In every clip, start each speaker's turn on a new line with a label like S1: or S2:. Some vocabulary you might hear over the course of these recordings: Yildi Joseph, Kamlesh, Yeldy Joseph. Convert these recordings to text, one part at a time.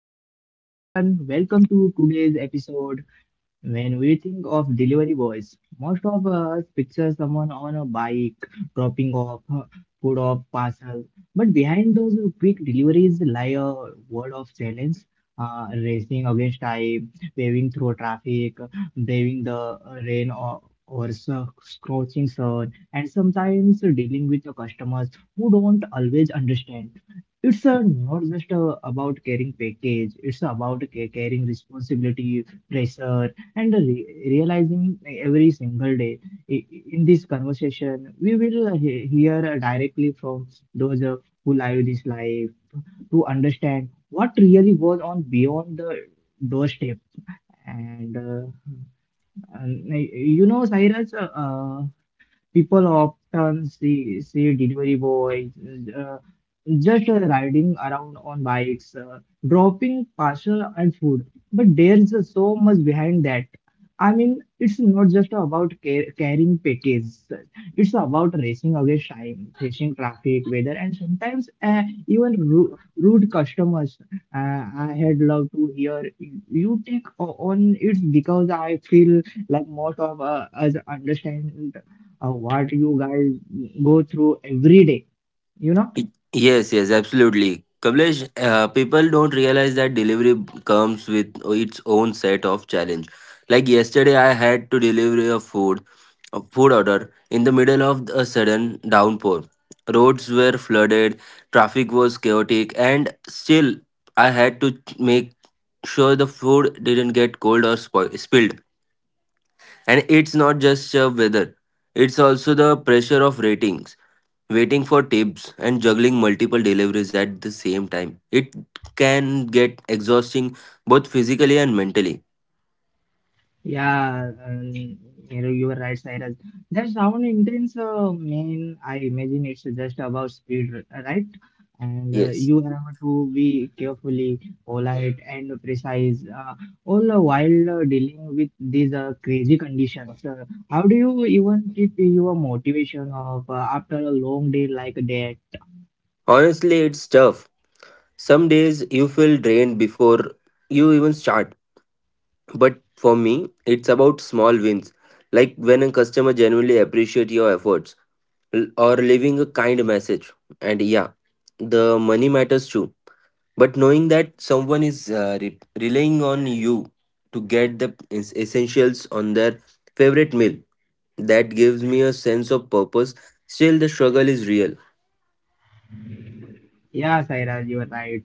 S1: Hello everyone, welcome to today's episode. When we think of delivery boys, most of us picture someone on a bike dropping off food or parcel. But behind those quick deliveries lie a world of challenge, racing against time, waving through traffic, braving the rain or scorching sun, and sometimes dealing with the customers who don't always understand. It's not just about carrying package, it's about carrying responsibility pressure and realizing every single day i- in this conversation we will hear directly from those who live this life to understand what really goes on beyond the doorstep and uh, and you know, Cyrus, people often see delivery boys, uh, just riding around on bikes, dropping parcel and food. But there's so much behind that. I mean, it's not just about carrying packages. It's about racing against time, facing traffic, weather, and sometimes even rude customers. I had loved to hear you take on it because I feel like most of us understand what you guys go through every day, you know.
S2: Yes, yes, absolutely. Kamlesh, people don't realize that comes with its own set of challenge. Like yesterday, I had to a food order in the middle of a sudden downpour. Roads were flooded, traffic was chaotic, and still I had to make sure the food didn't get cold or spoil spilled. And it's not just weather; it's also the pressure of ratings waiting for tips, and juggling multiple deliveries at the same time. It can get exhausting both physically and mentally.
S1: Yeah, you know, you were right, Cyrus, that sound intense. Mean I imagine it's just about speed, right? And
S2: Yes.
S1: you have to be carefully polite and precise, all the while dealing with these crazy conditions. How do you even keep your motivation of after a long day like that?
S2: Honestly, it's tough. Some days you feel drained before you even start. But for me, it's about small wins, like when a customer genuinely appreciates your efforts or leaving a kind message. And yeah, the money matters too, but knowing that someone is relying on you to get the essentials on their favorite meal, that gives me a sense of purpose. Still, the struggle is real.
S1: Yeah, Saira, you are right.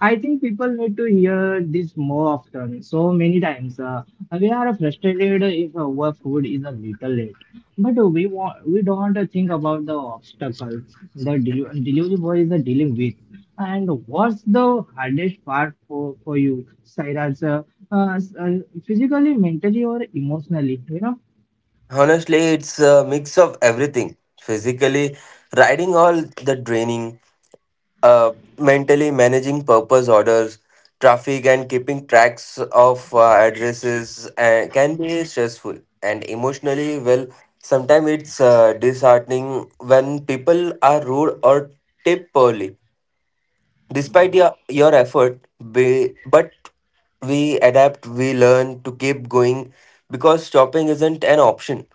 S1: I think people need to hear this more often. So many times, we are frustrated if our food is a little late, but we don't think about the obstacles the delivery boy is dealing with. And what's the hardest part for you, Saira? Uh, uh, Physically, mentally, or emotionally? You know?
S2: Honestly, it's a mix of everything. Physically, riding all, the draining. uh, Mentally managing purpose orders, traffic, and keeping tracks of addresses can be stressful. And emotionally, well, sometimes it's disheartening when people are rude or tip poorly. Despite your effort, but we adapt, we learn to keep going because stopping isn't an option.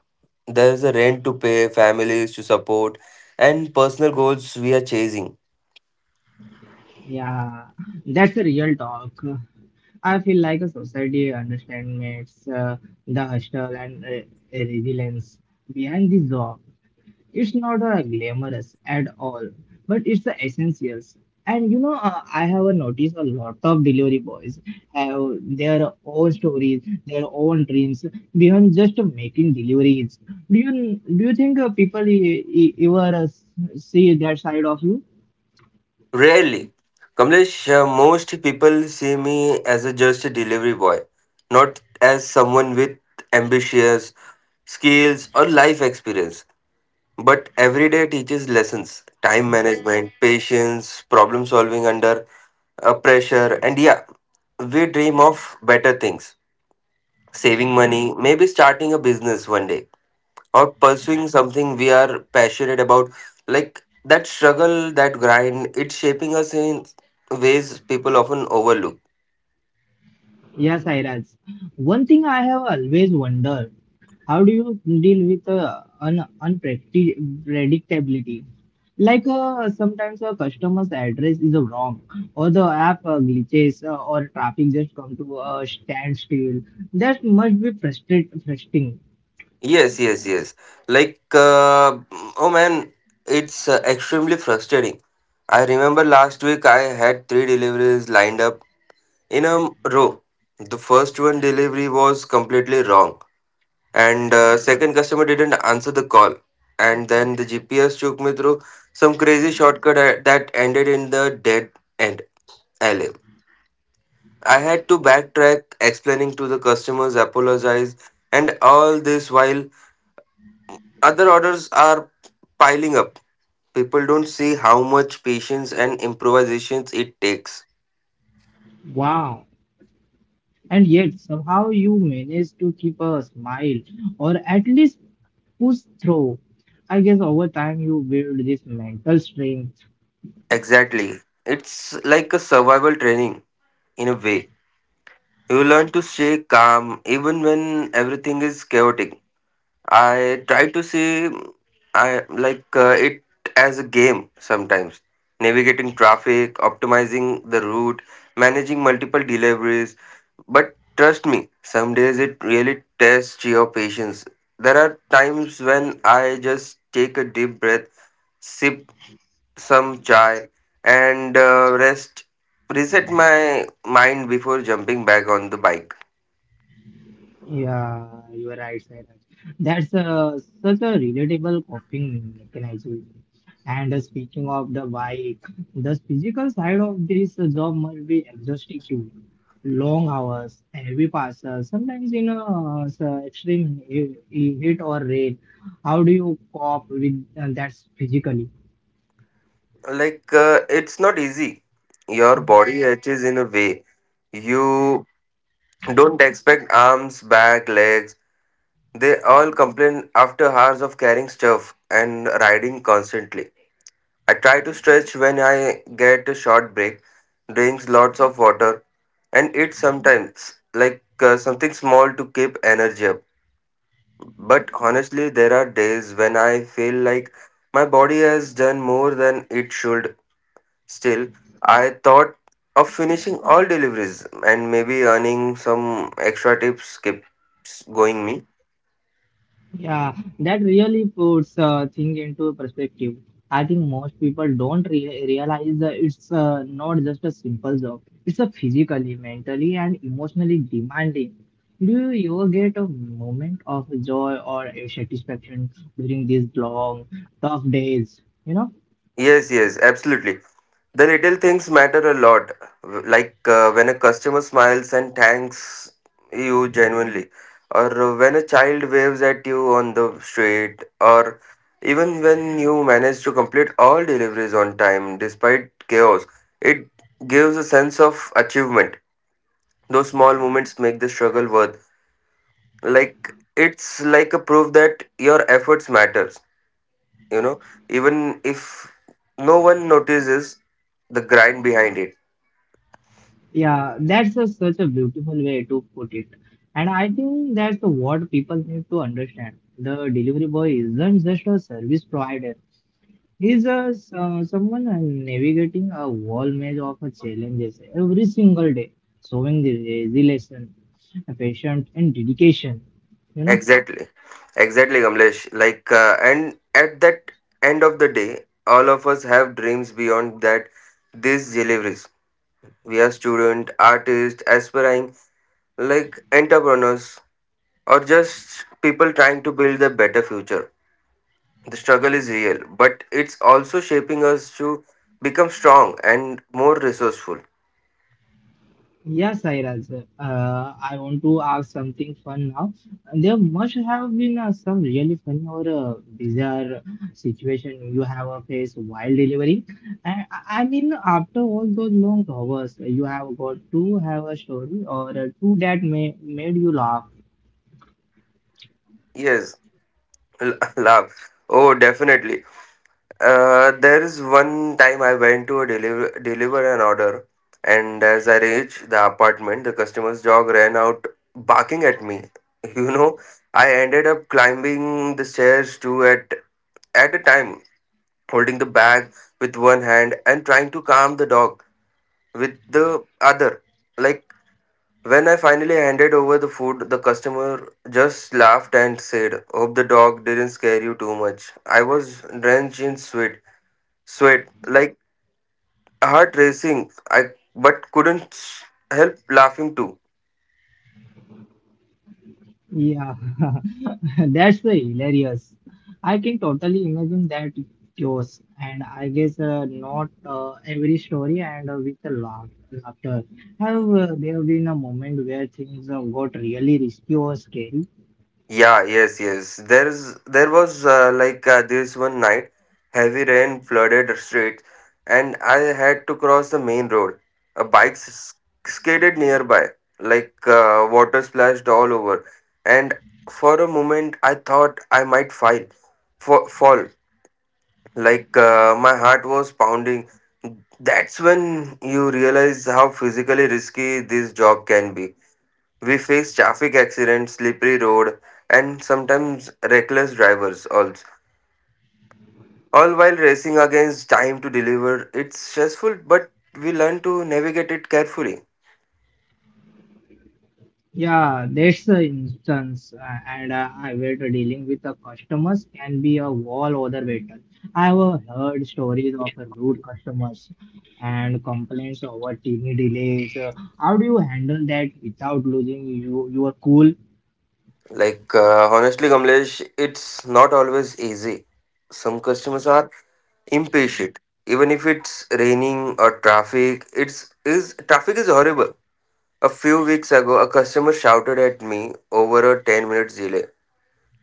S2: There is a rent to pay, families to support, and personal goals we are chasing.
S1: Yeah, that's a real talk. I feel like a society understands the hustle and resilience behind this job. It's not glamorous at all, but it's the essentials. And you know, I have noticed a lot of delivery boys have their own stories, their own dreams beyond just making deliveries. Do you think people ever see that side of you?
S2: Rarely. Kamlesh, most people see me as a just a delivery boy, not as someone with ambitions, skills, or life experience. But every day teaches lessons: time management, patience, problem solving under pressure, and yeah, we dream of better things, saving money, maybe starting a business one day, or pursuing something we are passionate about. Like that struggle, that grind, it's shaping us in ways people often overlook.
S1: Yes, Iraj. One thing I have always wondered, how do you deal with un unpredictability? Like, sometimes a customer's address is wrong, or the app glitches, or traffic just come to a standstill. That must be frustrating.
S2: Yes, yes, yes. Like, oh man, it's extremely frustrating. I remember last week I had three deliveries lined up in a row. The first one delivery was completely wrong, and second customer didn't answer the call, and then the gps took me through some crazy shortcut that ended in the dead end alley. I had to backtrack, explaining to the customers, apologize, and all this while other orders are piling up. People don't see how much patience and improvisations it takes.
S1: Wow. And yet somehow you manage to keep a smile, or at least push through. I guess over time you build this mental strength.
S2: Exactly. It's like a survival training in a way. You learn to stay calm even when everything is chaotic. I try to see, I like it as a game sometimes. Navigating traffic, optimizing the route, managing multiple deliveries. But trust me, some days it really tests your patience. There are times when I just take a deep breath, sip some chai, and rest, reset my mind before jumping back on the bike.
S1: Yeah, you are right, Sairaj. That's such a relatable coping mechanism. And speaking of the bike, the physical side of this job must be exhausting too. Long hours, heavy passes, sometimes in a extreme heat or rain. How do you cope with that physically?
S2: Like it's not easy. Your body hatches in a way you don't expect. Arms, back, legs, they all complain after hours of carrying stuff and riding constantly. I try to stretch when I get a short break, drinks lots of water, and eat sometimes like something small to keep energy up. But honestly, there are days when I feel like my body has done more than it should. Still, I thought of finishing all deliveries and maybe earning some extra tips keeps going me.
S1: Yeah, that really puts thing into perspective. I think most people don't re realize that it's not just a simple job. It's a physically, mentally, and emotionally demanding. Do you ever get a moment of joy or a satisfaction during these long, tough days? You know?
S2: Yes, yes, absolutely. The little things matter a lot. Like when a customer smiles and thanks you genuinely, or when a child waves at you on the street, or even when you manage to complete all deliveries on time despite chaos, it gives a sense of achievement. Those small moments make the struggle worth, like it's like a proof that your efforts matters, you know, even if no one notices the grind behind it.
S1: Yeah, that's a, such a beautiful way to put it. And I think that's what people need to understand. The delivery boy isn't just a service provider. He's a someone navigating a whole maze of challenges every single day, showing the resilience, patience, and dedication. You know.
S2: Exactly, exactly, Kamlesh. Like and at that end of the day, all of us have dreams beyond that, these deliveries. We are student, artist, aspiring like entrepreneurs, or just people trying to build a better future. The struggle is real, but it's also shaping us to become strong and more resourceful.
S1: Yes, Sairaj. I want to ask something fun now. There must have been some really funny or bizarre situation you have faced while delivering. I mean, after all those long hours, you have got to have a story or two that may made you laugh.
S2: Yes, love. Oh, definitely. There is one time I went to a deliver an order, and as I reached the apartment, the customer's dog ran out barking at me. You know, I ended up climbing the stairs two at a time, holding the bag with one hand and trying to calm the dog with the other. Like. When I finally handed over the food, the customer just laughed and said, "Hope the dog didn't scare you too much." I was drenched in sweat, like heart racing, but couldn't help laughing too.
S1: Yeah. That's the hilarious. I can totally imagine that chaos, and I guess not every story and with the laugh, laughter. Have there been a moment where things got really risky or scary?
S2: Yeah, yes, yes. There was like this one night, heavy rain flooded the streets, and I had to cross the main road. A skidded nearby, like water splashed all over, and for a moment I thought I fall. Like my heart was pounding. That's when you realize how physically risky this job can be. We face traffic accidents, slippery road, and sometimes reckless drivers also. All while racing against time to deliver. It's stressful, but we learn to navigate it carefully.
S1: Yeah, that's the instance, and I wait dealing with the customers can be a wall other battle. I have heard stories of rude customers and complaints over TV delays. How do you handle that without losing you, your cool?
S2: Like honestly, Kamlesh, it's not always easy. Some customers are impatient, even if it's raining or traffic. It's is traffic is horrible. A few weeks ago, a customer shouted at me over a 10 minutes delay.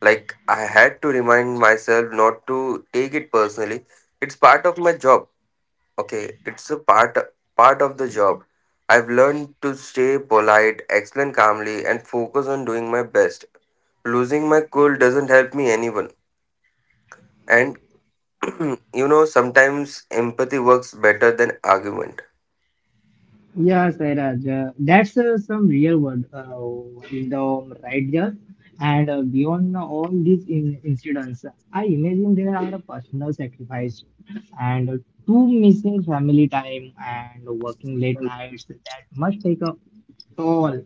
S2: Like, I had to remind myself not to take it personally. It's part of my job. Okay, it's a part of the job. I've learned to stay polite, explain calmly, and focus on doing my best. Losing my cool doesn't help me anyone. And you know, sometimes empathy works better than argument.
S1: Yeah, Sairaj, that's some real world wisdom right there. And beyond all these incidents, I imagine there are personal sacrifice and two missing family time and working late nights that must take a toll.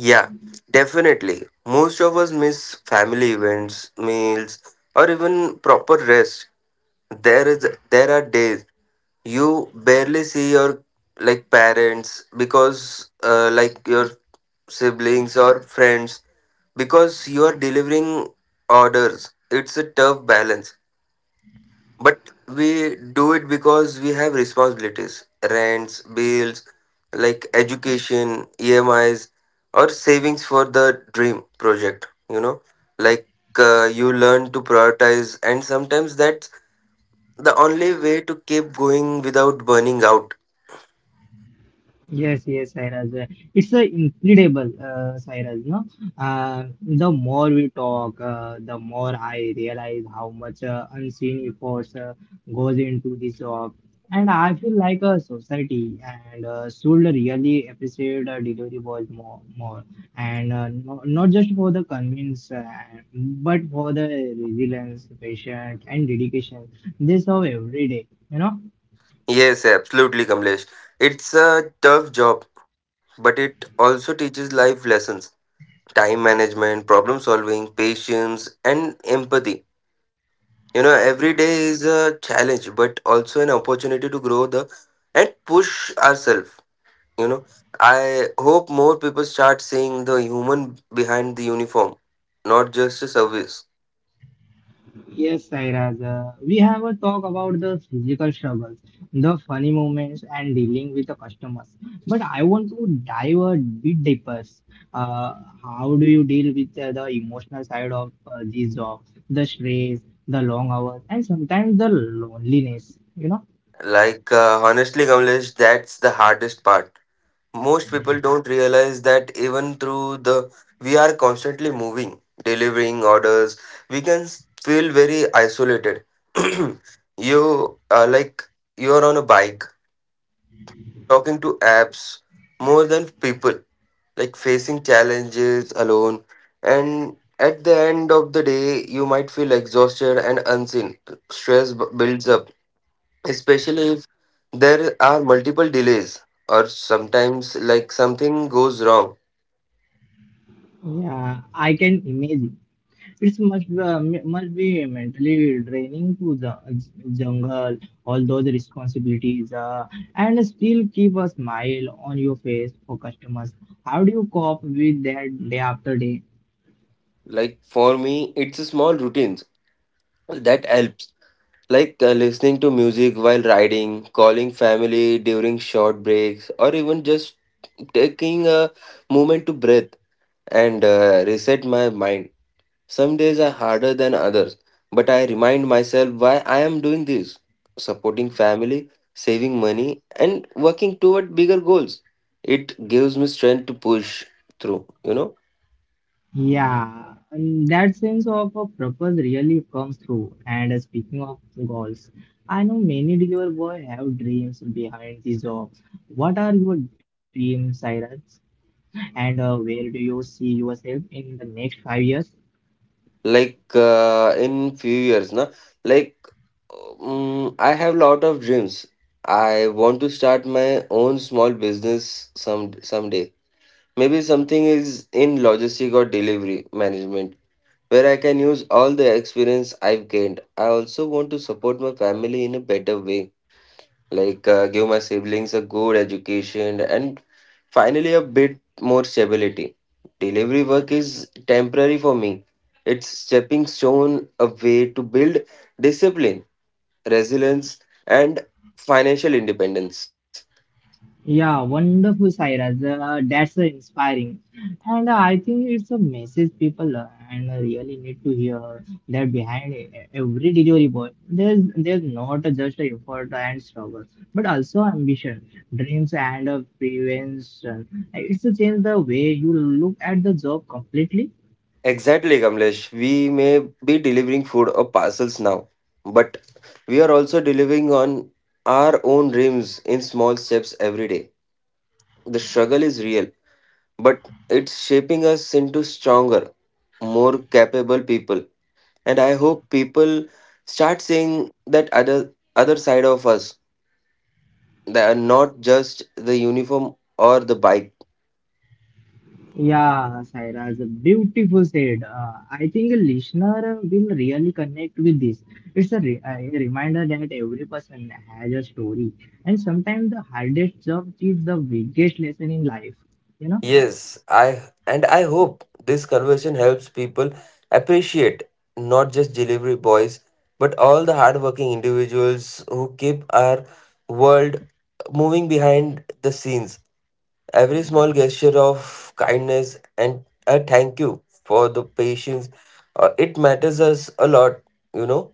S2: Yeah, definitely. Most of us miss family events, meals, or even proper rest. There are days you barely see your like parents because like your siblings or friends, because you are delivering orders. It's a tough balance, but we do it because we have responsibilities: rents, bills, like education emis, or savings for the dream project, you know. Like you learn to prioritize, and sometimes that's the only way to keep going without burning out.
S1: Yes, Cyrus. It's incredible, Cyrus. No, the more we talk, the more I realize how much unseen efforts goes into this job, and I feel like a society and should really appreciate delivery boys more, and no, not just for the convenience, but for the resilience, patience, and dedication they serve every day. You know.
S2: Yes, absolutely, Kamlesh. It's a tough job, but it also teaches life lessons: time management, problem solving, patience, and empathy. You know, every day is a challenge, but also an opportunity to grow the and push ourselves. You know, I hope more people start seeing the human behind the uniform, not just a service.
S1: Yes, Sairaj. We have a talk about the physical struggles, the funny moments, and dealing with the customers. But I want to dive a bit deeper. Uh, how do you deal with the emotional side of this job? The stress, the long hours, and sometimes the loneliness. You know?
S2: Like, honestly, Kamlesh, that's the hardest part. Most people don't realize that even through the, we are constantly moving, delivering orders, we can feel very isolated. You are like you are on a bike, talking to apps more than people, like facing challenges alone, and at the end of the day, you might feel exhausted and unseen. Builds up, especially if there are multiple delays or sometimes like something goes wrong.
S1: Yeah, I can imagine. It must be, must be mentally draining to the jungle, all those responsibilities, and still keep a smile on your face for customers. How do you cope with that day after day?
S2: Like for me, it's a small routines that helps. Like listening to music while riding, calling family during short breaks, or even just taking a moment to breathe and reset my mind. Some days are harder than others, but I remind myself why I am doing this. Supporting family, saving money, and working toward bigger goals. It gives me strength to push through, you know.
S1: Yeah, and that sense of a purpose really comes through. And speaking of goals, I know many delivery boys have dreams behind these jobs. What are your dreams, Cyrus? And where do you see yourself in the next 5 years?
S2: Like in few years na, like I have lot of dreams. I want to start my own small business someday. Maybe something is in logistic or delivery management, where I can use all the experience I've gained. I also want to support my family in a better way, like give my siblings a good education and finally a bit more stability. Delivery work is temporary for me. It's stepping stone, a way to build discipline, resilience, and financial independence.
S1: Yeah, wonderful, Sairaj. That's inspiring. And I think it's a message people and really need to hear that behind every delivery boy, there's not just effort and struggle, but also ambition, dreams, and prevention. It's to change the way you look at the job completely.
S2: Exactly, Kamlesh. We may be delivering food or parcels now, but we are also delivering on our own dreams in small steps every day. The struggle is real, but it's shaping us into stronger, more capable people. And I hope people start seeing that other side of us. They are not just the uniform or the bike.
S1: Yeah, Sairaj, beautiful said. I think a listener will really connect with this. It's a reminder that every person has a story, and sometimes the hardest job is the biggest lesson in life. You know.
S2: Yes, I and I hope this conversation helps people appreciate not just delivery boys, but all the hardworking individuals who keep our world moving behind the scenes. Every small gesture of kindness and a thank you for the patience, it matters us a lot. You know,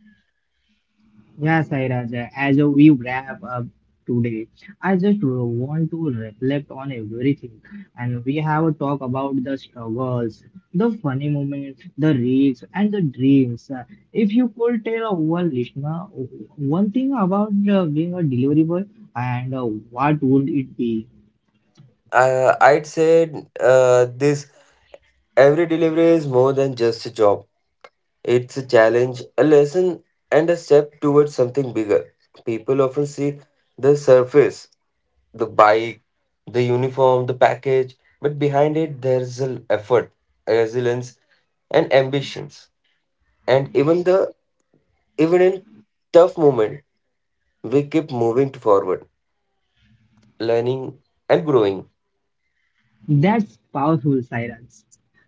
S1: Yeah, Sairaj, as we wrap up today, I just want to reflect on everything. And we have talked about the struggles, the funny moments, the risks, and the dreams. If you could tell our listener one thing about being a delivery boy, and what would it be?
S2: I'd say this: every delivery is more than just a job. It's a challenge, a lesson, and a step towards something bigger. People often see the surface, the bike, the uniform, the package, but behind it there's an effort, resilience, and ambitions. And even in tough moment, we keep moving forward, learning and growing.
S1: That's powerful silence.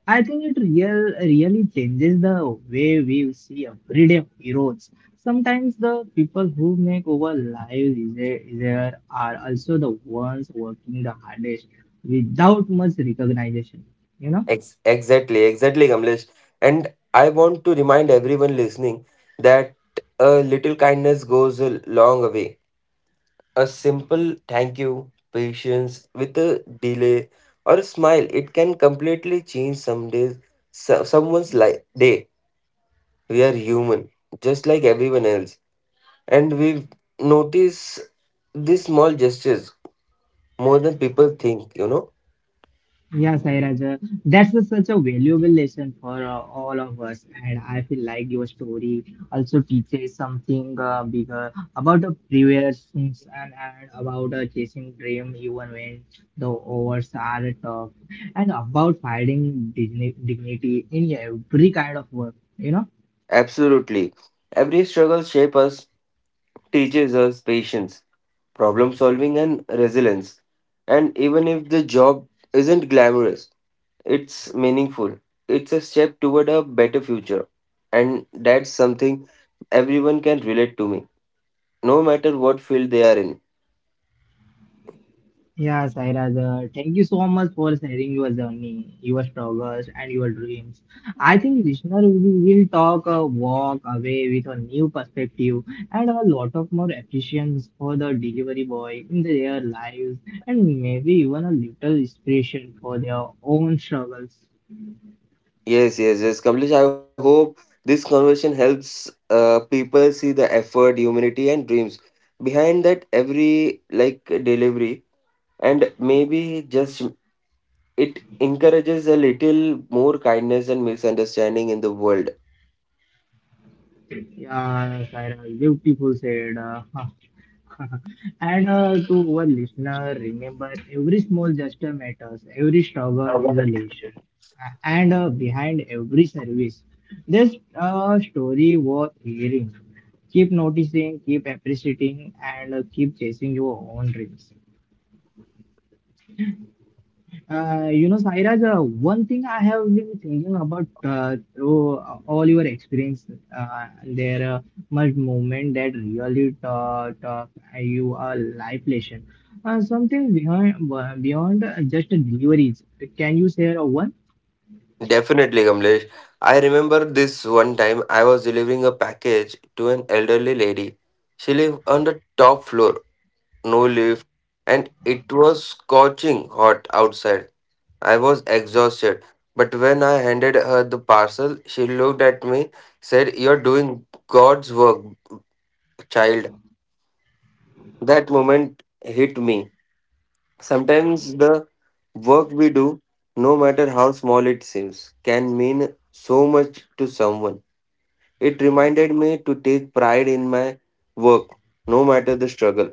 S1: I think it really changes the way we see everyday heroes. Sometimes the people who make our lives easier are also the ones working the hardest without much recognition, you know?
S2: Exactly, exactly, Kamlesh. And I want to remind everyone listening that a little kindness goes a long way. A simple thank you, patience with a delay, or a smile, it can completely change someone's life day. We are human, just like everyone else, and we notice these small gestures more than people think.
S1: Yeah, Sairaj, that's a, such a valuable lesson for all of us, and I feel like your story also teaches something bigger about the previous things and about chasing dream even when the odds are tough, and about finding dignity in every kind of work. You know.
S2: Absolutely, every struggle shapes us, teaches us patience, problem solving, and resilience. And even if the job isn't glamorous, it's meaningful. It's a step toward a better future. And that's something everyone can relate to me, no matter what field they are in.
S1: Yeah, Sairaj, thank you so much for sharing your journey, your struggles, and your dreams. I think listener will walk away with a new perspective and a lot of more appreciations for the delivery boy in their lives, and maybe even a little inspiration for their own struggles.
S2: Yes, yes, yes, Kamlesh. I hope this conversation helps people see the effort, humanity, and dreams behind that every like delivery, and maybe just it encourages a little more kindness and misunderstanding in the world.
S1: Yeah, Saira, beautiful said. And to our listener, remember every small gesture matters, every struggle is a leash. And behind every service, there's a story worth hearing. Keep noticing, keep appreciating, and keep chasing your own dreams. You know, Sairaj, one thing I have been thinking about through all your experience, there much moment that really taught you a life lesson. Something beyond just deliveries. Can you share a one?
S2: Definitely, Kamlesh. I remember this one time I was delivering a package to an elderly lady. She lived on the top floor, no lift, and it was scorching hot outside. I was exhausted, but when I handed her the parcel, she looked at me, said, "You're doing God's work, child." That moment hit me. Sometimes the work we do, no matter how small it seems, can mean so much to someone. It reminded me to take pride in my work, no matter the struggle.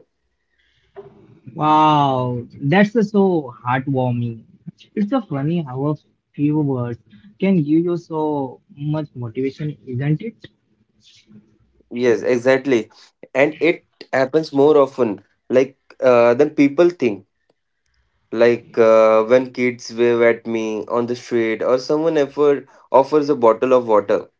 S1: Wow, that's so heartwarming. It's so funny how a few words can give you so much motivation, isn't it?
S2: Yes, exactly. And it happens more often, like than people think. When kids wave at me on the street, or someone effort offers a bottle of water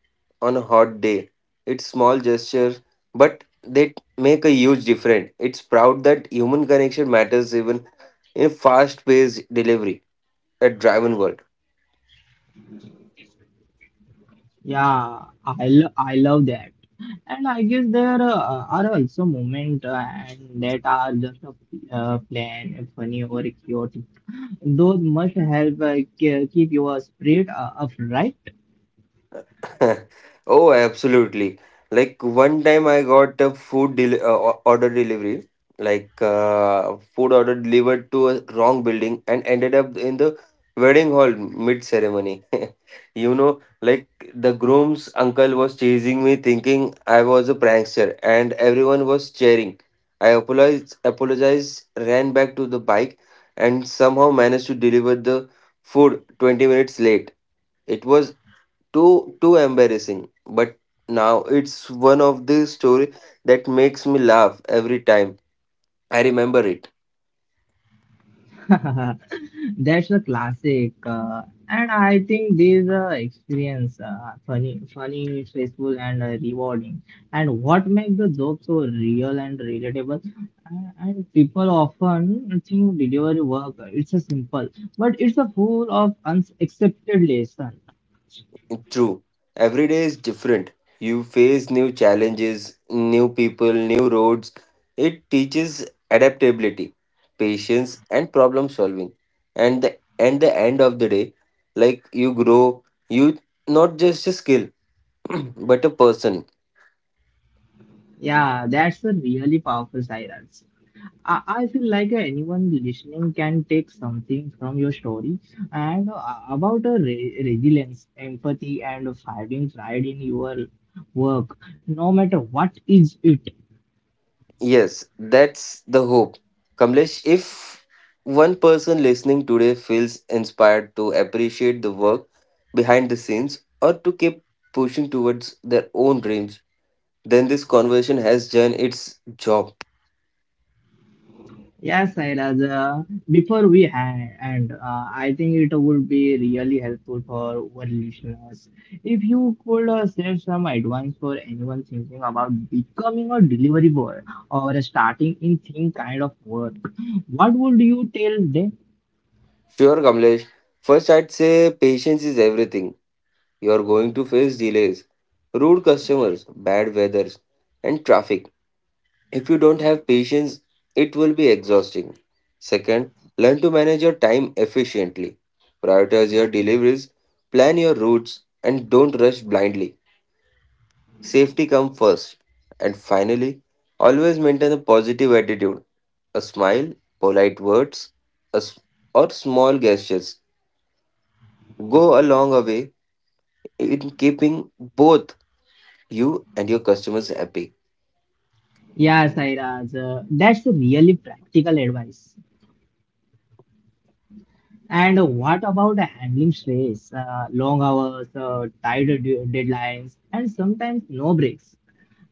S2: on a hot day. It's small gestures, but they make a huge difference. It's proud that human connection matters even in fast-paced delivery at driven world.
S1: Yeah, I love that, and I guess there are also moments and that are just a plan, funny or chaotic. Those must help keep your spirit up.
S2: Oh, absolutely. Like one time I got a order delivery, food order delivered to a wrong building and ended up in the wedding hall mid ceremony. You know, like the groom's uncle was chasing me thinking I was a prankster and everyone was cheering. I apologized, ran back to the bike and somehow managed to deliver the food 20 minutes late. It was too embarrassing, but now it's one of the story that makes me laugh every time I remember it.
S1: That's a classic, and I think these experience funny, funny, stressful, and rewarding. And what makes the job so real and relatable? And people often think delivery work it's a simple, but it's a full of unaccepted lesson.
S2: True, every day is different. You face new challenges, new people, new roads. It teaches adaptability, patience, and problem solving. And the end of the day, like you grow, you not just a skill, but a person.
S1: Yeah, that's a really powerful silence. I feel like anyone listening can take something from your story and about resilience, empathy, and finding pride in your work, no matter what is it.
S2: Yes, that's the hope. Kamlesh, if one person listening today feels inspired to appreciate the work behind the scenes or to keep pushing towards their own dreams, then this conversation has done its job.
S1: Yes, Sairaja, before we end, I think it would be really helpful for our listeners if you could share some advice for anyone thinking about becoming a delivery boy or starting in thin kind of work. What would you tell them?
S2: Sure, Kamlesh. First, I'd say patience is everything. You're going to face delays, rude customers, bad weathers, and traffic. If you don't have patience, it will be exhausting. Second, learn to manage your time efficiently. Prioritize your deliveries, plan your routes, and don't rush blindly. Safety comes first. And finally, always maintain a positive attitude. A smile, polite words, a s- or small gestures go a long way in keeping both you and your customers happy.
S1: Yeah, Sairaj, that's really practical advice. And what about handling stress, long hours, uh, tight deadlines, and sometimes no breaks?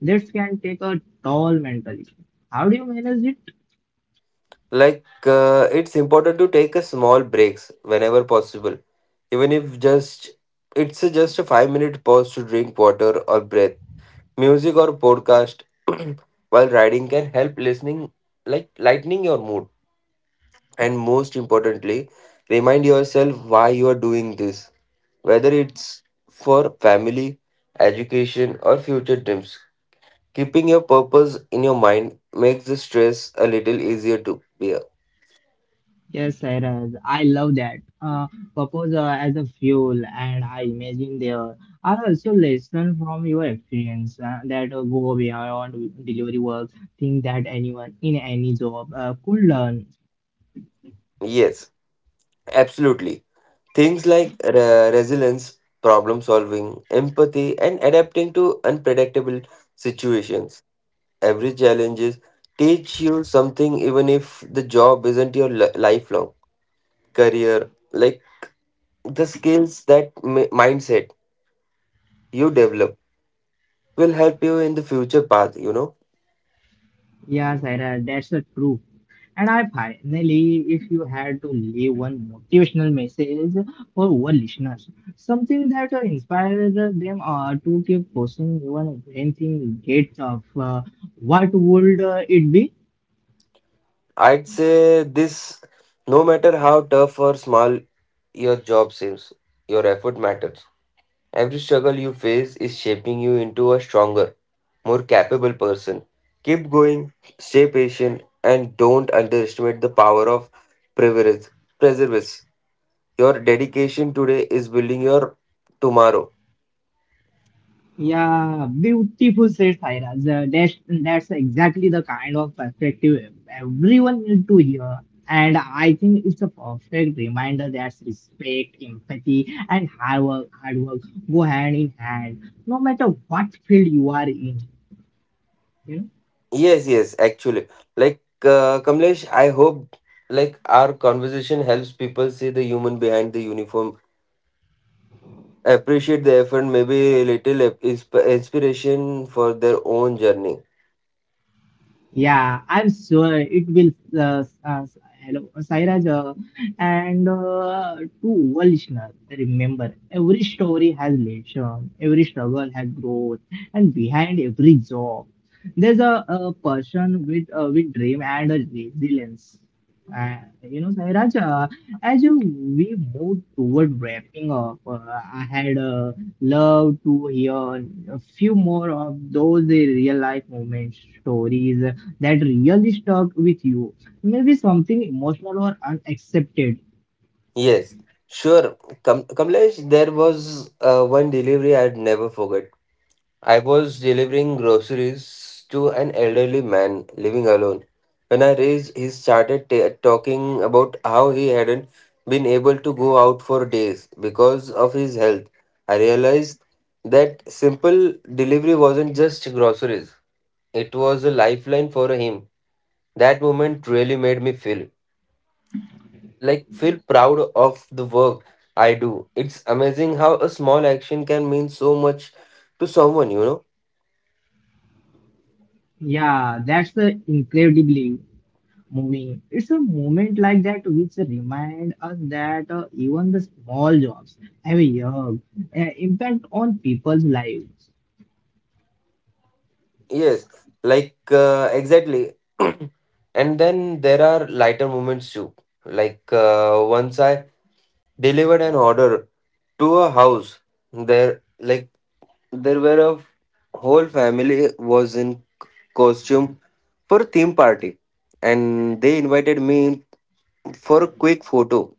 S1: This can take a toll mentally. How do you manage it?
S2: It's important to take a small breaks whenever possible, even if just it's a, just a 5 minute pause to drink water or breath. Music or podcast while riding can help listening, like lightening your mood. And most importantly, remind yourself why you are doing this, whether it's for family, education, or future dreams. Keeping your purpose in your mind makes the stress a little easier to bear.
S1: Yes, Sairaj, I love that. Purpose as a fuel, and I imagine there are also lessons from your experience that go beyond delivery work, things that anyone in any job could learn.
S2: Yes. Absolutely. Things like resilience, problem solving, empathy, and adapting to unpredictable situations. Every challenges teach you something, even if the job isn't your lifelong career. Like the skills that mindset you develop will help you in the future path.
S1: Yeah, Saira, that's the truth. And I finally, if you had to leave one motivational message for our listeners, something that inspires them to keep pushing even when things get tough, what would it be?
S2: I'd say this. No matter how tough or small your job seems, your effort matters. Every struggle you face is shaping you into a stronger, more capable person. Keep going, stay patient, and don't underestimate the power of preservance. Preservance. Your dedication today is building your tomorrow.
S1: Yeah, beautiful said, Cyrus. That's exactly the kind of perspective everyone needs to hear. And I think it's a perfect reminder that respect, empathy, and hard work go hand in hand, no matter what field you are in.
S2: Yes, yes, actually. Kamlesh, I hope like our conversation helps people see the human behind the uniform, appreciate the effort, maybe a little inspiration for their own journey.
S1: Yeah, I'm sure it will. Uh, uh, Hello, Sairaj, and to our listeners, remember every story has lesson, every struggle has growth, and behind every job, there's a person with dream and a resilience. You know, Sairaj, uh, we move toward wrapping up, I had loved to hear a few more of those real life moment stories that really stuck with you. Maybe something emotional or unaccepted.
S2: Yes, sure. Kamlesh, there was one delivery I'd never forget. I was delivering groceries to an elderly man living alone. When I reached, he started ta talking about how he hadn't been able to go out for days because of his health. I realized that simple delivery wasn't just groceries, it was a lifeline for him. That moment really made me feel proud of the work I do. It's amazing how a small action can mean so much to someone,
S1: Yeah, that's incredibly moving. It's a moment like that which remind us that even the small jobs have a impact on people's lives.
S2: Yes, exactly. And then there are lighter moments too. Once I delivered an order to a house there like there were a whole family was in costume for a theme party and they invited me for a quick photo.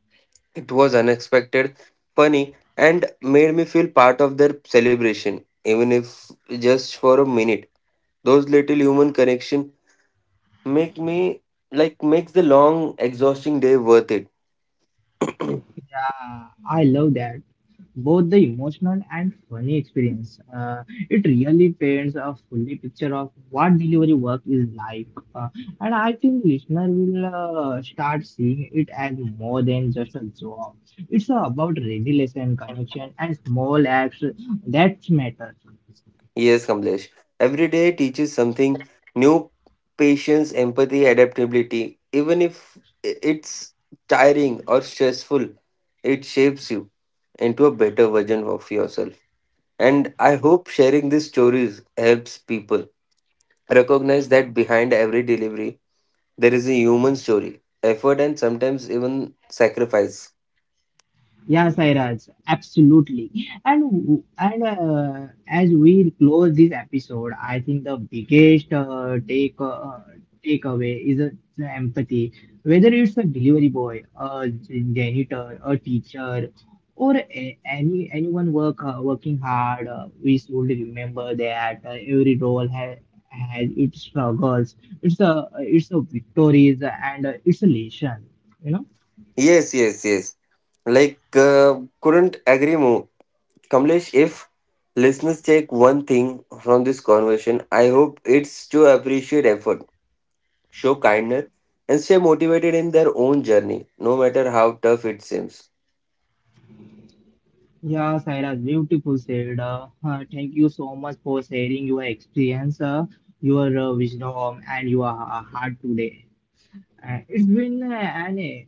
S2: It was unexpected, funny, and made me feel part of their celebration, even if just for a minute. Those little human connection make me like makes the long, exhausting day worth it.
S1: Yeah, I love that. Both the emotional and funny experience. It really paints a fully picture of what delivery work is like, uh, and I think listener will start seeing it as more than just a job. It's about resilience and connection and small acts that matter.
S2: Yes, Kamlesh. Every day teaches something new: patience, empathy, adaptability. Even if it's tiring or stressful, it shapes you into a better version of yourself. And I hope sharing these stories helps people recognize that behind every delivery, there is a human story, effort, and sometimes even sacrifice.
S1: Yeah, Sairaj, absolutely. And as we close this episode, I think the biggest takeaway is the empathy. Whether it's a delivery boy, a janitor, a teacher, or a, any anyone working hard, we should remember that every role has its struggles, it's a victories, and it's a lesson. You know.
S2: Yes, yes, yes. Couldn't agree more. Kamlesh, if listeners take one thing from this conversation, I hope it's to appreciate effort, show kindness, and stay motivated in their own journey, no matter how tough it seems.
S1: Yeah, Saira, beautiful said. Thank you so much for sharing your experience, your wisdom, and your heart today. It's been an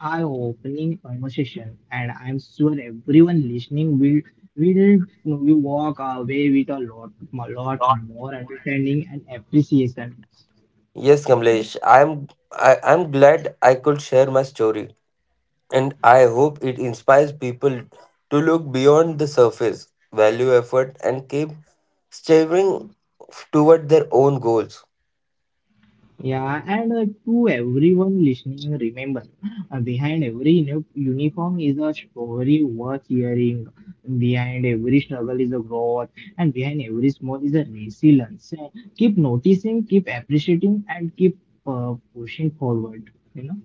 S1: eye-opening conversation, and I'm sure everyone listening will will walk away with a lot more understanding and appreciation.
S2: Yes, Kamlesh, I'm glad I could share my story and I hope it inspires people to look beyond the surface, value effort, and keep striving toward their own goals.
S1: Yeah, and to everyone listening, remember uh, behind every uniform is a story worth hearing. Behind every struggle is a growth, and behind every small is a resilience. Keep noticing, keep appreciating, and keep pushing forward. You know.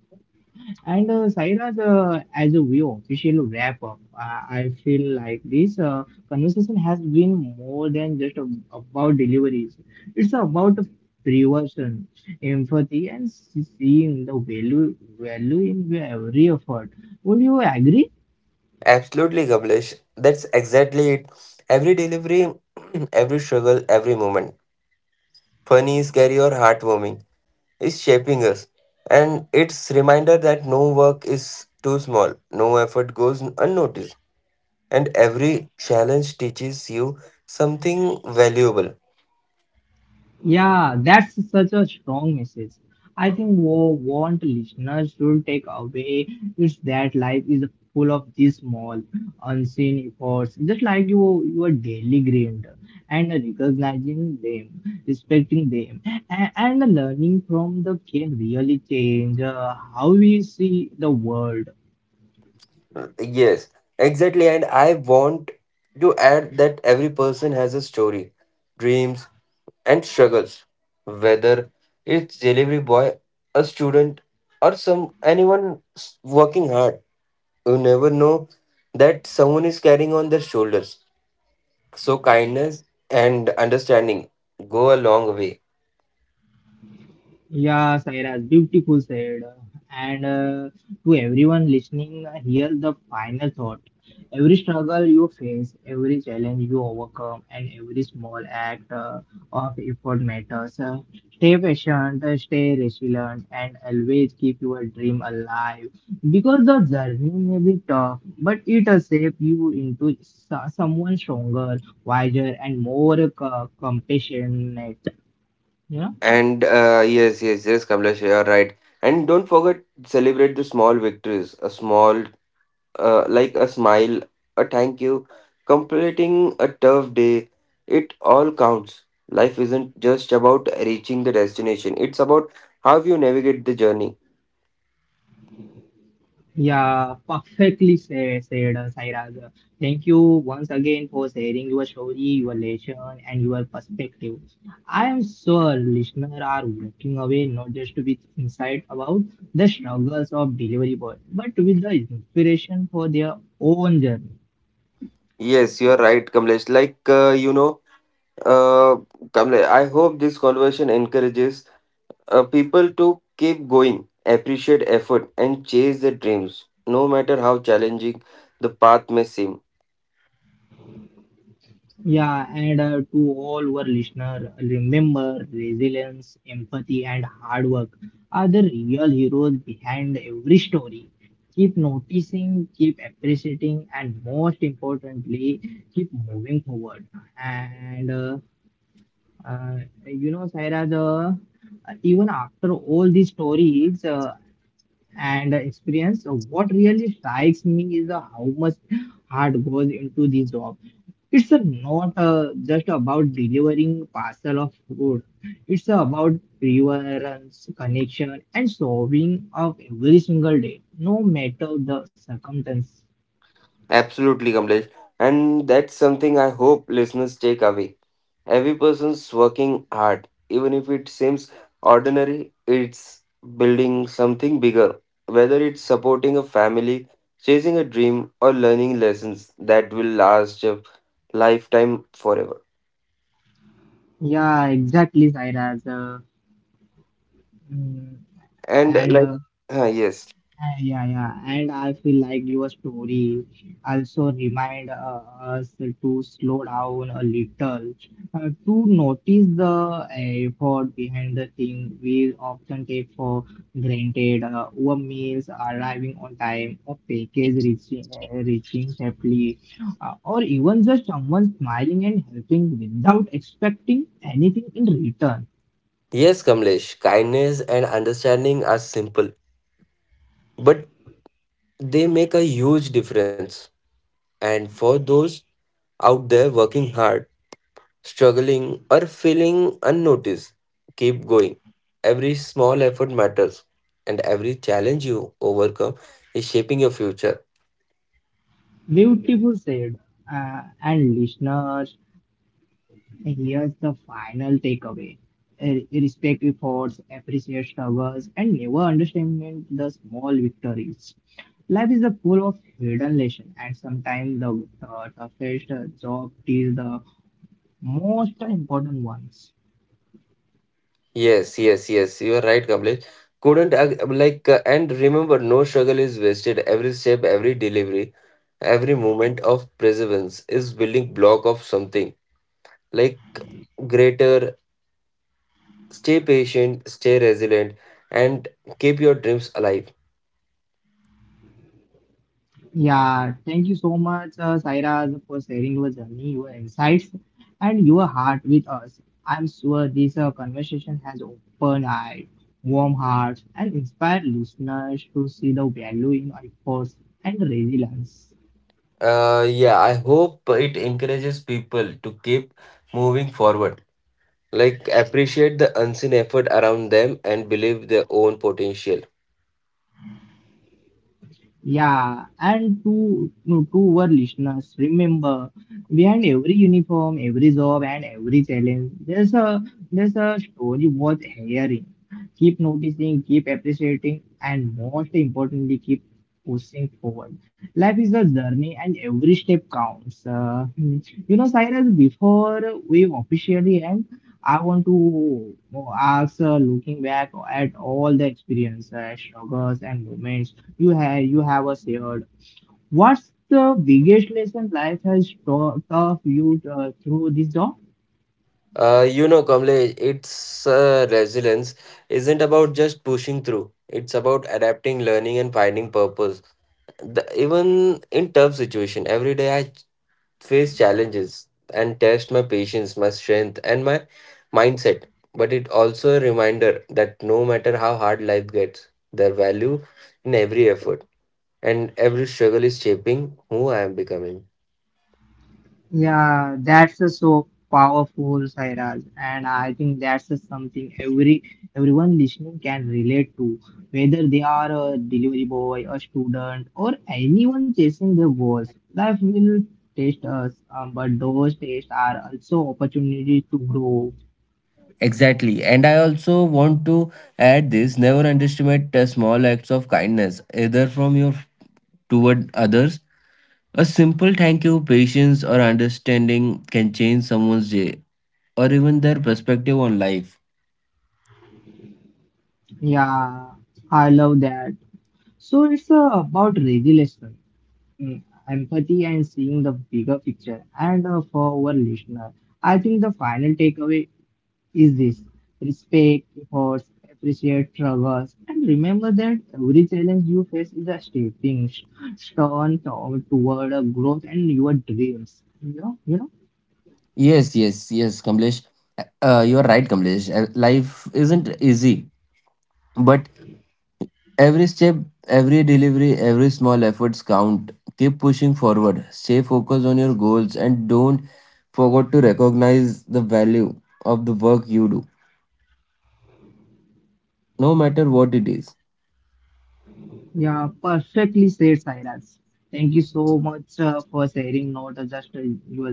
S1: And Sairaj, as we officially wrap up, I feel like this conversation has been more than just about deliveries. It's about prevention, empathy, and seeing the value in every effort. Would you agree?
S2: Absolutely, Kamlesh. That's exactly it. Every delivery, every struggle, every moment, funny, scary, or heartwarming, is shaping us. And it's reminder that no work is too small, no effort goes unnoticed, and every challenge teaches you something valuable.
S1: Yeah, that's such a strong message. I think what want listeners should take away is that life is full of these small, unseen efforts, just like your daily grind, and recognizing them, respecting them, and learning from them can really change how we see the world.
S2: Yes, exactly. And I want to add that every person has a story, dreams, and struggles. Whether it's delivery boy, a student, or some anyone working hard, you never know that someone is carrying on their shoulders. So kindness and understanding go a long way.
S1: Yeah, Sairaj, beautiful said. And to everyone listening, here the final thought. Every struggle you face, every challenge you overcome, and every small act of effort matters. Stay patient, stay resilient, and always keep your dream alive. Because the journey may be tough, but it will shape you into someone stronger, wiser, and more compassionate. Yeah.
S2: And yes, yes, yes, Kamlesh, you are right. And don't forget celebrate the small victories, a small like a smile, a thank you, completing a tough day. It all counts. Life isn't just about reaching the destination, it's about how you navigate the journey.
S1: Yeah, perfectly said, Sairaj. Thank you once again for sharing your story, your lesson, and your perspective. I am sure listeners are walking away not just with insight about the struggles of delivery boy, but with the inspiration for their own journey.
S2: Yes, you're right, Kamlesh. Uh, Kamlesh, I hope this conversation encourages people to keep going, appreciate effort, and chase their dreams, no matter how challenging the path may seem.
S1: Yeah, and to all our listeners, remember resilience, empathy, and hard work are the real heroes behind every story. Keep noticing, keep appreciating, and most importantly, keep moving forward. And uh, you know, Saira, the even after all these stories and experience, what really strikes me is how much heart goes into this job. It's a not just about delivering parcel of food. It's about preference, connection, and solving of every single day, no matter the circumstance.
S2: Absolutely, Kamlesh. And that's something I hope listeners take away. Every person's working hard, even if it seems ordinary, it's building something bigger. Whether it's supporting a family, chasing a dream, or learning lessons that will last a lifetime forever.
S1: Yeah, exactly, Sairaj. Mm,
S2: And
S1: and
S2: like,
S1: uh,
S2: yes.
S1: yeah, and I feel like your story also remind us to slow down a little, to notice the effort behind the thing we often take for granted. Our meals arriving on time, a package reaching safely, or even just someone smiling and helping without expecting anything in return.
S2: Yes, Kamlesh, kindness and understanding are simple, but they make a huge difference. And for those out there working hard, struggling, or feeling unnoticed, keep going. Every small effort matters, and every challenge you overcome is shaping your future.
S1: Beautiful said. And listeners, here's the final takeaway. Eh, respect efforts, appreciate struggles, and never underestimate the small victories. Life is a pool of hidden lessons, and sometimes the toughest job is the most important ones.
S2: Yes, yes, yes, you are right, Kamlesh. Couldn't ag- like And remember, no struggle is wasted. Every step, every delivery, every moment of perseverance is building block of something like greater. Stay patient, stay resilient, and keep your dreams alive.
S1: Yeah, thank you so much, Saira, for sharing your journey, your insights, and your heart with us. I'm sure this conversation has opened eyes, warm hearts, and inspired listeners to see the value in efforts and resilience.
S2: Yeah, I hope it encourages people to keep moving forward, like appreciate the unseen effort around them and believe their own potential.
S1: Yeah, and to no, to our listeners, remember behind every uniform, every job, and every challenge, there's a story worth hearing. Keep noticing, keep appreciating, and most importantly, keep pushing forward. Life is a journey, and every step counts. You know, Cyrus, before we officially end, I want to ask, looking back at all the experience, struggles, and moments you have us here. What's the biggest lesson life has taught of you through this job?
S2: Kamlesh, it's resilience isn't about just pushing through. It's about adapting, learning, and finding purpose. The, even in tough situation, every day I face challenges and test my patience, my strength, and my mindset. But it also a reminder that no matter how hard life gets, there value in every effort and every struggle is shaping who I am becoming.
S1: Yeah, that's a so powerful, Sairaj, and I think that's a something everyone listening can relate to, whether they are a delivery boy, a student, or anyone chasing their goals. Life will test us, but those tests are also opportunities to grow.
S2: Exactly. And I also want to add this: never underestimate the small acts of kindness, either from your toward others. A simple thank you, patience, or understanding can change someone's day or even their perspective on life.
S1: Yeah, I love that. So it's about resilience. mm, Empathy and seeing the bigger picture. And for our listener, I think the final takeaway is this: respect, efforts, appreciate struggles, and remember that every challenge you face is a stepping stone toward a growth and your dreams. You know.
S2: Yes, yes, yes, Kamlesh. You're right, Kamlesh. Life isn't easy, but every step, every delivery, every small efforts count. Keep pushing forward. Stay focused on your goals and don't forget to recognize the value of the work you do, no matter what it is.
S1: Yeah, perfectly said, Sairaj. Thank you so much for sharing not just your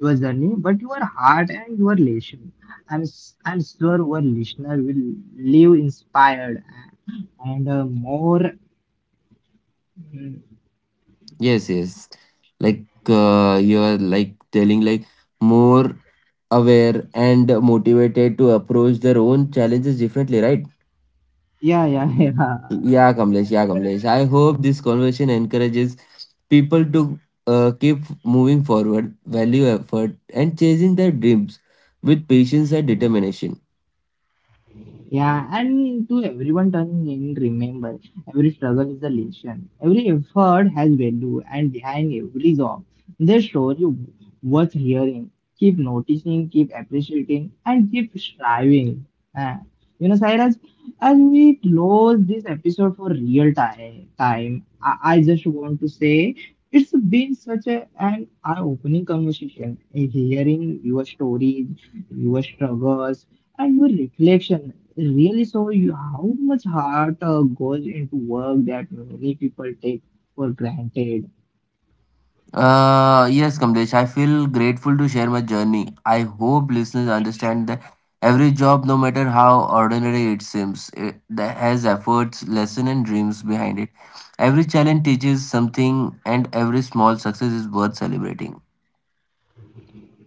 S1: your journey, but your heart and your lesson. I'm sure our listener will leave inspired and more. mm,
S2: Yes, yes. You're like telling like more aware and motivated to approach their own challenges differently, right?
S1: Yeah, yeah, yeah, yeah. yeah. yeah,
S2: Yeah, Kamlesh. I hope this conversation encourages people to keep moving forward, value effort, and chasing their dreams with patience and determination.
S1: Yeah, and to everyone turning in, remember every struggle is a lesson. Every effort has value, and behind every job, there's story worth hearing. Keep noticing, keep appreciating, and keep striving. Uh, you know, Cyrus, as we close this episode for real time I just want to say it's been such an eye-opening conversation. Hearing your stories, your struggles, and your reflection really show you how much heart goes into work that many people take for granted.
S2: Yes, Kamlesh. I feel grateful to share my journey. I hope listeners understand that every job, no matter how ordinary it seems, that has efforts, lesson, and dreams behind it. Every challenge teaches something, and every small success is worth celebrating.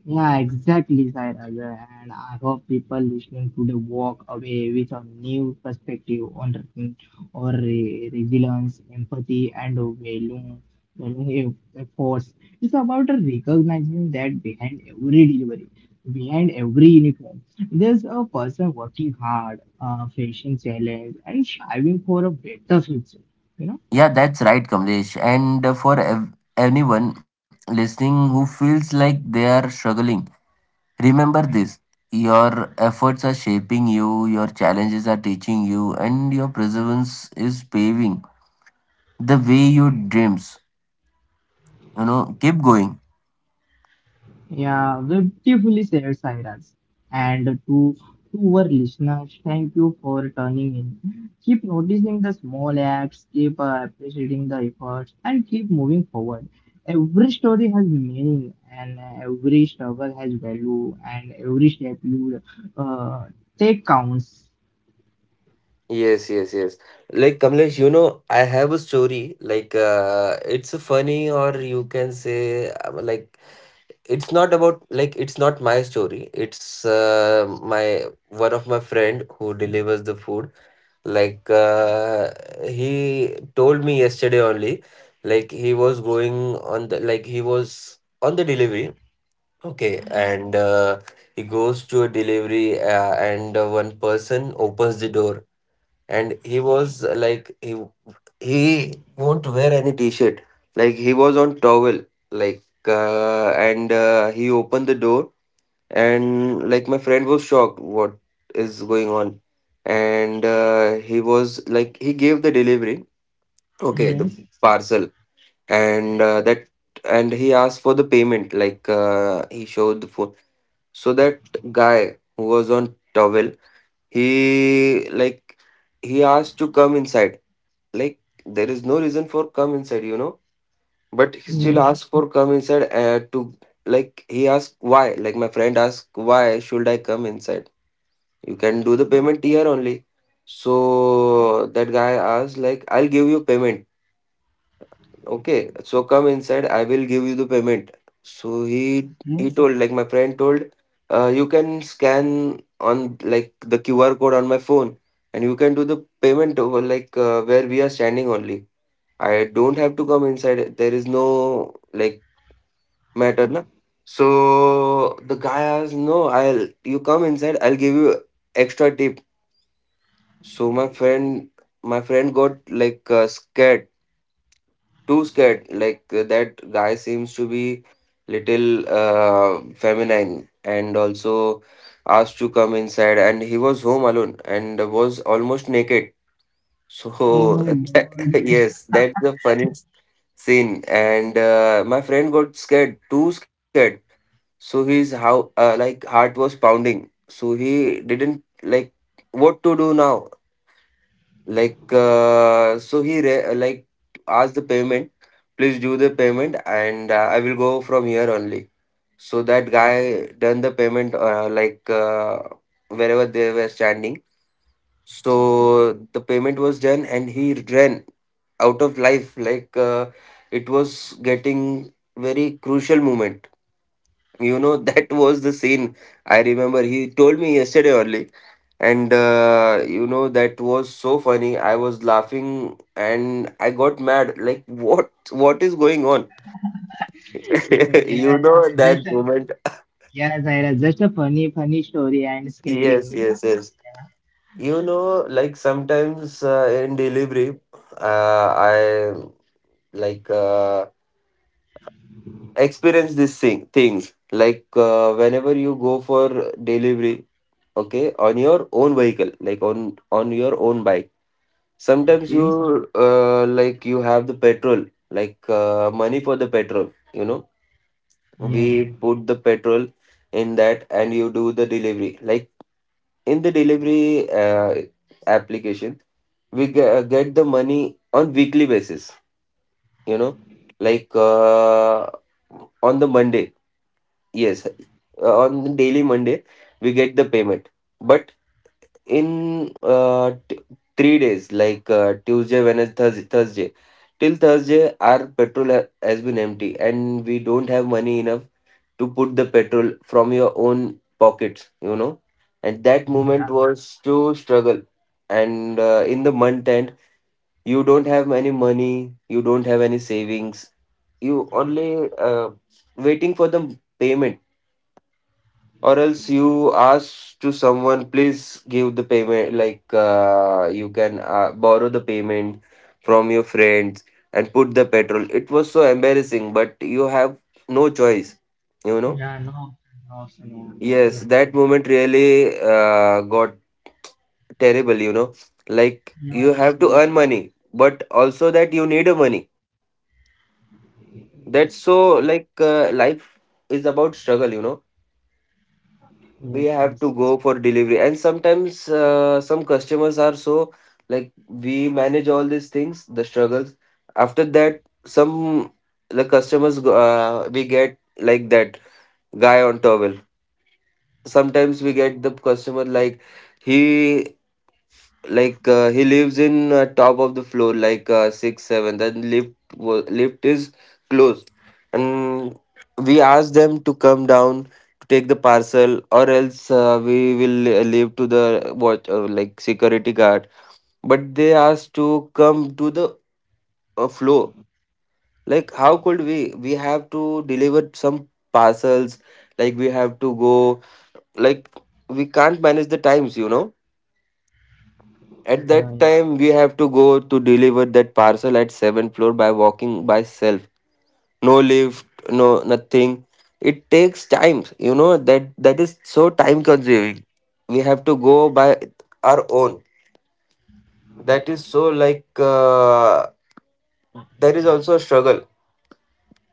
S1: Yeah, exactly, Sairaja. And I hope people listening today walk away with a new perspective on resilience, empathy, and value efforts. It's about recognizing that behind every delivery, behind every uniform, there's a person working hard, facing challenge, and striving for a better future. You know.
S2: Yeah, that's right, Kamlesh. And for anyone listening who feels like they are struggling, remember this. Your efforts are shaping you, your challenges are teaching you, and your perseverance is paving the way your dreams. You know, keep going.
S1: Yeah, we're beautifully said, Cyrus. And to our listeners, thank you for turning in. Keep noticing the small acts, keep appreciating the efforts, and keep moving forward. Every story has meaning, and every struggle has value, and every step you uh, take counts.
S2: Yes, yes, yes. Like Kamlesh, I have a story. Like, it's funny, or you can say, like it's not about, like it's not my story, it's my one of my friend who delivers the food. Like he told me yesterday only. Like he was going on the, like he was on the delivery. Okay, and he goes to a delivery and one person opens the door, and he was like he won't wear any t-shirt, like he was on towel. Like and he opened the door, and like my friend was shocked, what is going on. And he was like he gave the delivery, okay, the
S1: Yes.
S2: parcel. And that, and he asked for the payment. Like he showed the phone, so that guy who was on towel, he like he asked to come inside. Like there is no reason for come inside, you know, but he still Mhm.
S1: Yeah.
S2: asked for come inside to, like he asked why, like my friend asked, why should I come inside? You can do the payment here only. So that guy asked, like, I'll give you payment. Okay, so come inside, I will give you the payment. So he
S1: Yeah.
S2: he told, like my friend told, you can scan on, like the QR code on my phone, and you can do the payment over, like where we are standing only. I don't have to come inside, there is no, like, matter na. So the guy asked, no, I'll, you come inside, I'll give you extra tip. So my friend got like scared, too scared. Like that guy seems to be little feminine, and also asked to come inside. And he was home alone and was almost naked.
S1: Oh
S2: So
S1: my
S2: that-
S1: God.
S2: yes, that's the funny scene. And my friend got scared, too scared. So his how like heart was pounding. So he didn't like what to do now. Like so he like asked the payment, please do the payment, and I will go from here only. So that guy done the payment like wherever they were standing. So the payment was done and he ran out of life, like it was getting very crucial moment, you know, that was the scene I remember. He told me yesterday only. And you know, that was so funny. I was laughing and I got mad. Like, what is going on?
S1: Yeah.
S2: You know,
S1: That's
S2: that
S1: a,
S2: moment.
S1: yeah, Zaira. Just a funny, funny story and
S2: Yes,
S1: scaring.
S2: yes, yes. You know, like sometimes in delivery, I like experience things. Like whenever you go for delivery, okay, on your own vehicle, like on your own bike, sometimes
S1: Okay.
S2: you like you have the petrol, like money for the petrol, you know, we
S1: Yes,
S2: put the petrol in that and you do the delivery. Like in the delivery application, we get the money on weekly basis, you know, like on the Monday. Yes, on the daily Monday we get the payment. But in 3 days, like Tuesday, Wednesday, Thursday, Thursday. Till Thursday, our petrol has been empty, and we don't have money enough to put the petrol from your own pockets, you know. And that
S1: yeah,
S2: moment was to struggle. And in the month end, you don't have any money, you don't have any savings, you only waiting for the payment, or else you ask to someone, please give the payment. Like you can borrow the payment from your friends and put the petrol. It was so embarrassing, but you have no choice, you know.
S1: yeah. No. No. Also, yeah, yeah,
S2: Yes, that moment really got terrible, you know. Like
S1: yeah,
S2: you have to
S1: you-
S2: earn money, but also that you need a money, that's
S1: yes,
S2: so like life is about struggle, you know. We
S1: yes,
S2: have
S1: yes,
S2: to go for delivery, and sometimes some customers are so, like we manage all these things, the struggles. After that, some, the customers we get like that guy on towel. Sometimes we get the customer like he, like he lives in top of the floor, like six seven, then lift lift is closed. And we ask them to come down to take the parcel, or else we will leave to the watch, like security guard. But they ask to come to the floor. Like, how could we have to deliver some parcels, like we have to go, like we can't manage the times, you know. At that
S1: yeah, yeah,
S2: time we have to go to deliver that parcel at 7th floor by walking, by self. No lift, no nothing. It takes time, you know, that is so time consuming. We have to go by our own. That is so, like there is also a struggle.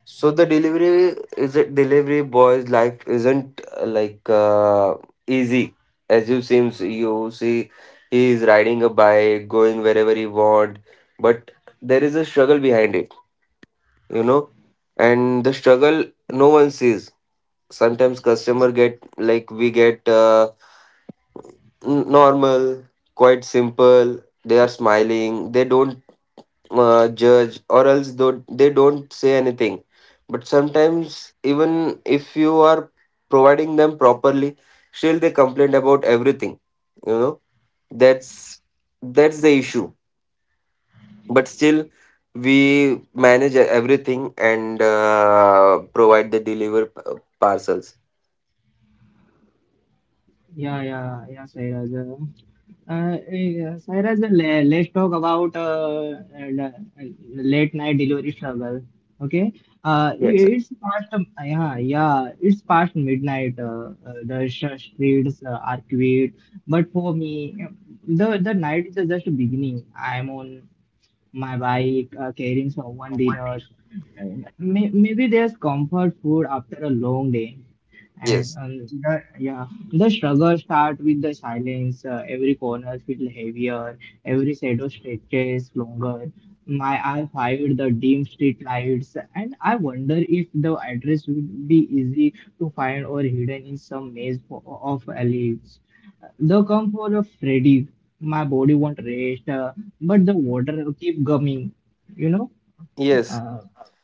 S2: So the delivery is a delivery boy's life isn't like easy as you seems you see. He is riding a bike, going wherever he want, but there is a struggle behind it, you know. And the struggle, no one sees. Sometimes customer get, like we get normal, quite simple. They are smiling, they don't judge, or else don't, they don't say anything. But sometimes, even if you are providing them properly, still they complain about everything, you know. That's that's the issue. But still we manage everything, and provide the deliver parcels.
S1: yeah, yeah, yeah, Sairaj. Yeah, Sairaj, let's talk about late night delivery struggle. Okay, uh, i-
S2: Yes,
S1: it's past, um, yeah, yeah, it's past midnight. Uh, the streets are quiet, but for me, the night is just beginning. I'm on my bike, caring someone dinners. Maybe there's comfort food after a long day, and
S2: yes,
S1: the struggle start with the silence. Every corner feel heavier. Every shadow stretches longer. My eye fired the dim street lights, and I wonder if the address would be easy to find or hidden in some maze of alleys. The comfort of Freddy, my body won't rest, but the water keep coming. You know.
S2: yes.
S1: Uh,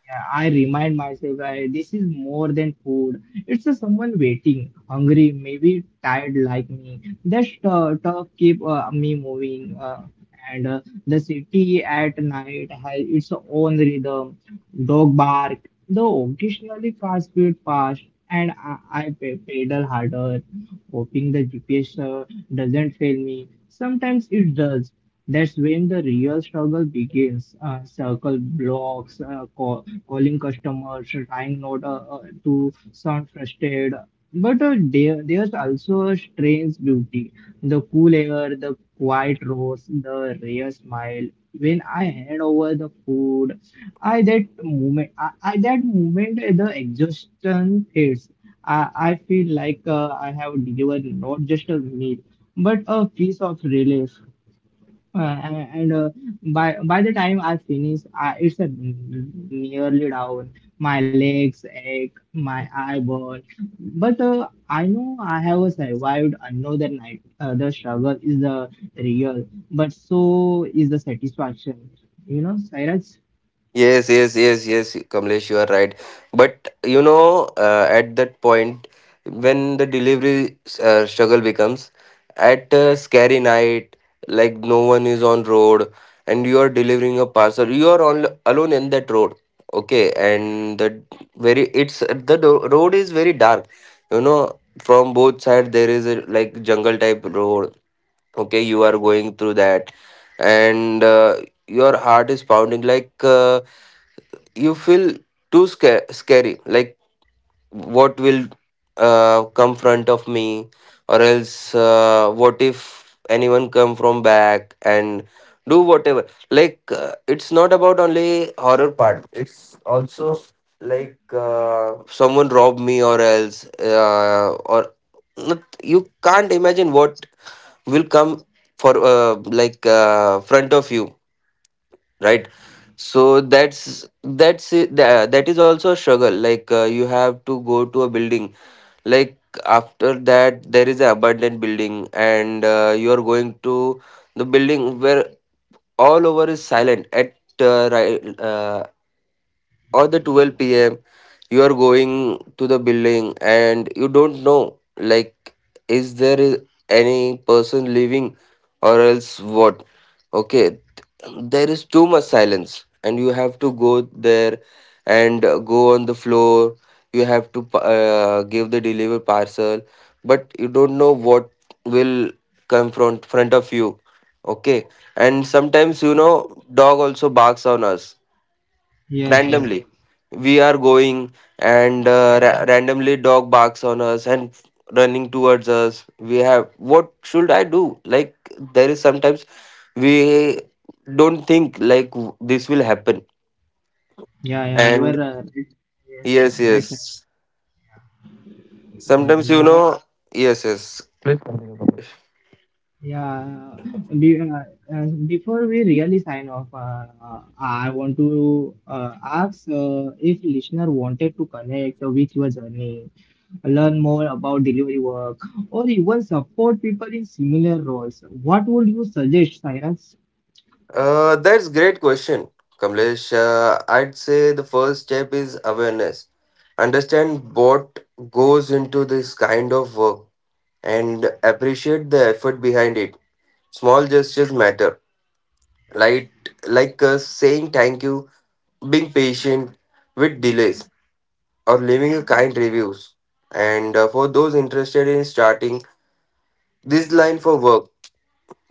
S1: yeah, I remind myself, this is more than food. It's a someone waiting, hungry, maybe tired like me. That talk keep me moving. And the city at night has its own rhythm, dog bark, though occasionally car speed fast, and I pedal harder, hoping the GPS doesn't fail me. Sometimes it does, that's when the real struggle begins. Circle blocks, uh, calling customers, trying not to sound frustrated. But uh, there's also a strange beauty. The cool air, the quiet roads, the rare smile. When I hand over the food, I that moment, the exhaustion hits. I feel like I have delivered not just a meal, but a piece of relief. Uh, and by the time I finish, it's a nearly down. My legs ache, my eye burn. But I know I have survived another night. The struggle is the real, but so is the satisfaction. You know, Cyrus?
S2: Yes, yes, yes, yes, Kamlesh, you are right. But you know, at that point, when the delivery struggle becomes at a scary night, like no one is on road, and you are delivering a parcel, you are on alone in that road. Okay, and the very, it's the road is very dark. You know, from both side there is a, like jungle type road, okay, you are going through that. And your heart is pounding, like you feel too scary, like what will come front of me, or else what if anyone come from back and do whatever. Like it's not about only horror part, it's also like someone rob me, or else or not. You can't imagine what will come for, like front of you, right. So that is also a struggle. Like you have to go to a building, like after that there is an abandoned building, and you are going to the building where all over is silent at, right, or the 12 p.m. You are going to the building and you don't know, like, is there is any person living, or else what. Okay, there is too much silence, and you have to go there, and go on the floor. You have to give the deliver parcel, but you don't know what will come from front of you. Okay, and sometimes, you know, dog also barks on us
S1: Yes, yes.
S2: randomly. We are going, and
S1: Yeah,
S2: randomly dog barks on us and running towards us. We have, what should I do? Like, there is sometimes we don't think like this will happen.
S1: yeah, yeah. You are
S2: And
S1: right. Yes,
S2: yes,
S1: right, sir.
S2: yes.
S1: And
S2: Sometimes you know, yes, yes,
S1: Yeah, be, uh, uh, before we really sign off, I want to ask if listener wanted to connect with your journey, learn more about delivery work, or even support people in similar roles. What would you suggest, Cyrus?
S2: that's great question, Kamlesh. I'd say the first step is awareness. Understand what goes into this kind of work and appreciate the effort behind it. Small gestures matter, like, like saying thank you, being patient with delays, or leaving a kind reviews. And for those interested in starting this line for work,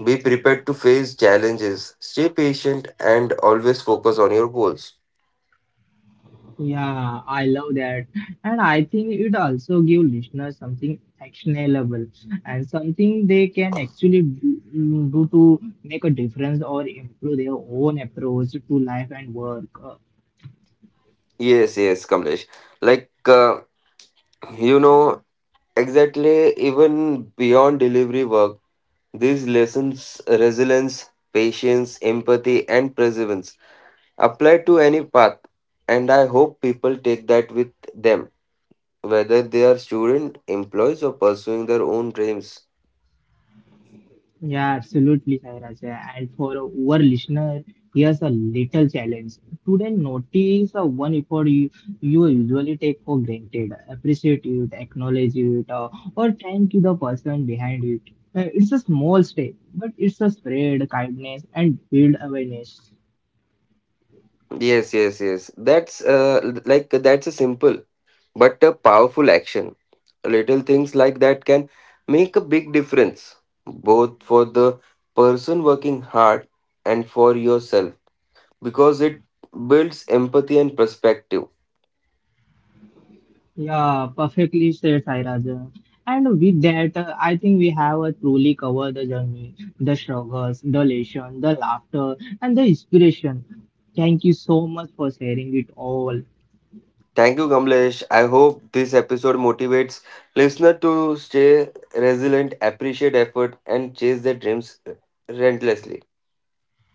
S2: be prepared to face challenges, stay patient, and always focus on your goals.
S1: Yeah, I love that. And I think it also give listeners something actionable and something they can actually do, do to make a difference or improve their own approach to life and work.
S2: Yes, yes, Kamlesh. Like, you know, exactly, even beyond delivery work, these lessons resilience, patience, empathy, and perseverance apply to any path. And I hope people take that with them, whether they are student, employees, or pursuing their own dreams.
S1: Yeah, absolutely, Sairaj. And for our listener, here's a little challenge. Today, notice the one effort you usually take for granted. Appreciate it, acknowledge it, or thank you the person behind it. It's a small step, but it's a spread kindness and build awareness.
S2: Yes, yes, yes. That's like that's a simple but a powerful action. Little things like that can make a big difference, both for the person working hard and for yourself, because it builds empathy and perspective.
S1: Yeah, perfectly said, Sairaja. And with that, I think we have truly covered the journey, the struggles, the lesson, the laughter, and the inspiration. Thank you so much for sharing it all.
S2: Thank you, Kamlesh. I hope this episode motivates listener to stay resilient, appreciate effort, and chase their dreams relentlessly.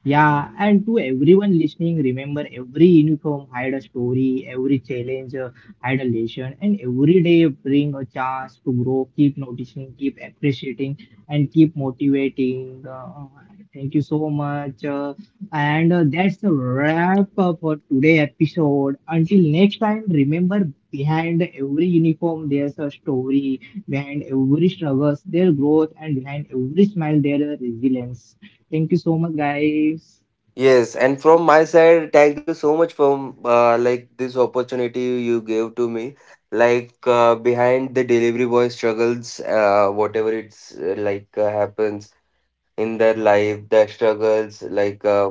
S1: Yeah, and to everyone listening, remember every uniform had a story, every challenge had a lesson, and every day bring a chance to grow. Keep noticing, keep appreciating, and keep motivating. Thank you so much. And That's the wrap up for today episode. Until next time, remember behind every uniform there's a story, behind every struggles there's growth, and behind every smile there's resilience. Thank you so much, guys.
S2: Yes, and from my side, thank you so much for like this opportunity you gave to me. Like behind the delivery boy struggles, whatever it's like happens in their life, their struggles, like,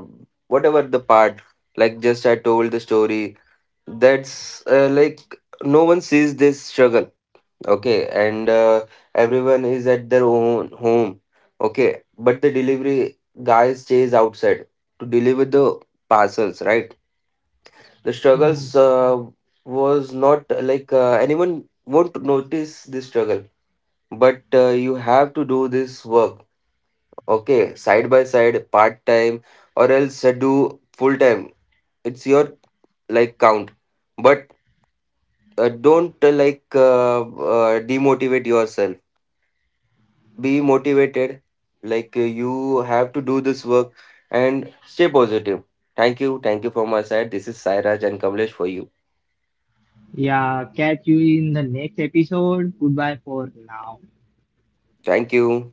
S2: whatever the part. Like, just I told the story, that's like no one sees this struggle, okay, and everyone is at their own home. Okay, but the delivery guy stays outside to deliver the parcels, right. The struggles, was not like anyone won't notice this struggle, but you have to do this work, okay, side by side, part time, or else do full time, it's your like count. But don't like demotivate yourself, be motivated. Like you have to do this work and stay positive. Thank you, thank you, from my side. This is Sairaj and Kamlesh for you.
S1: Yeah, catch you in the next episode. Goodbye for now.
S2: Thank you.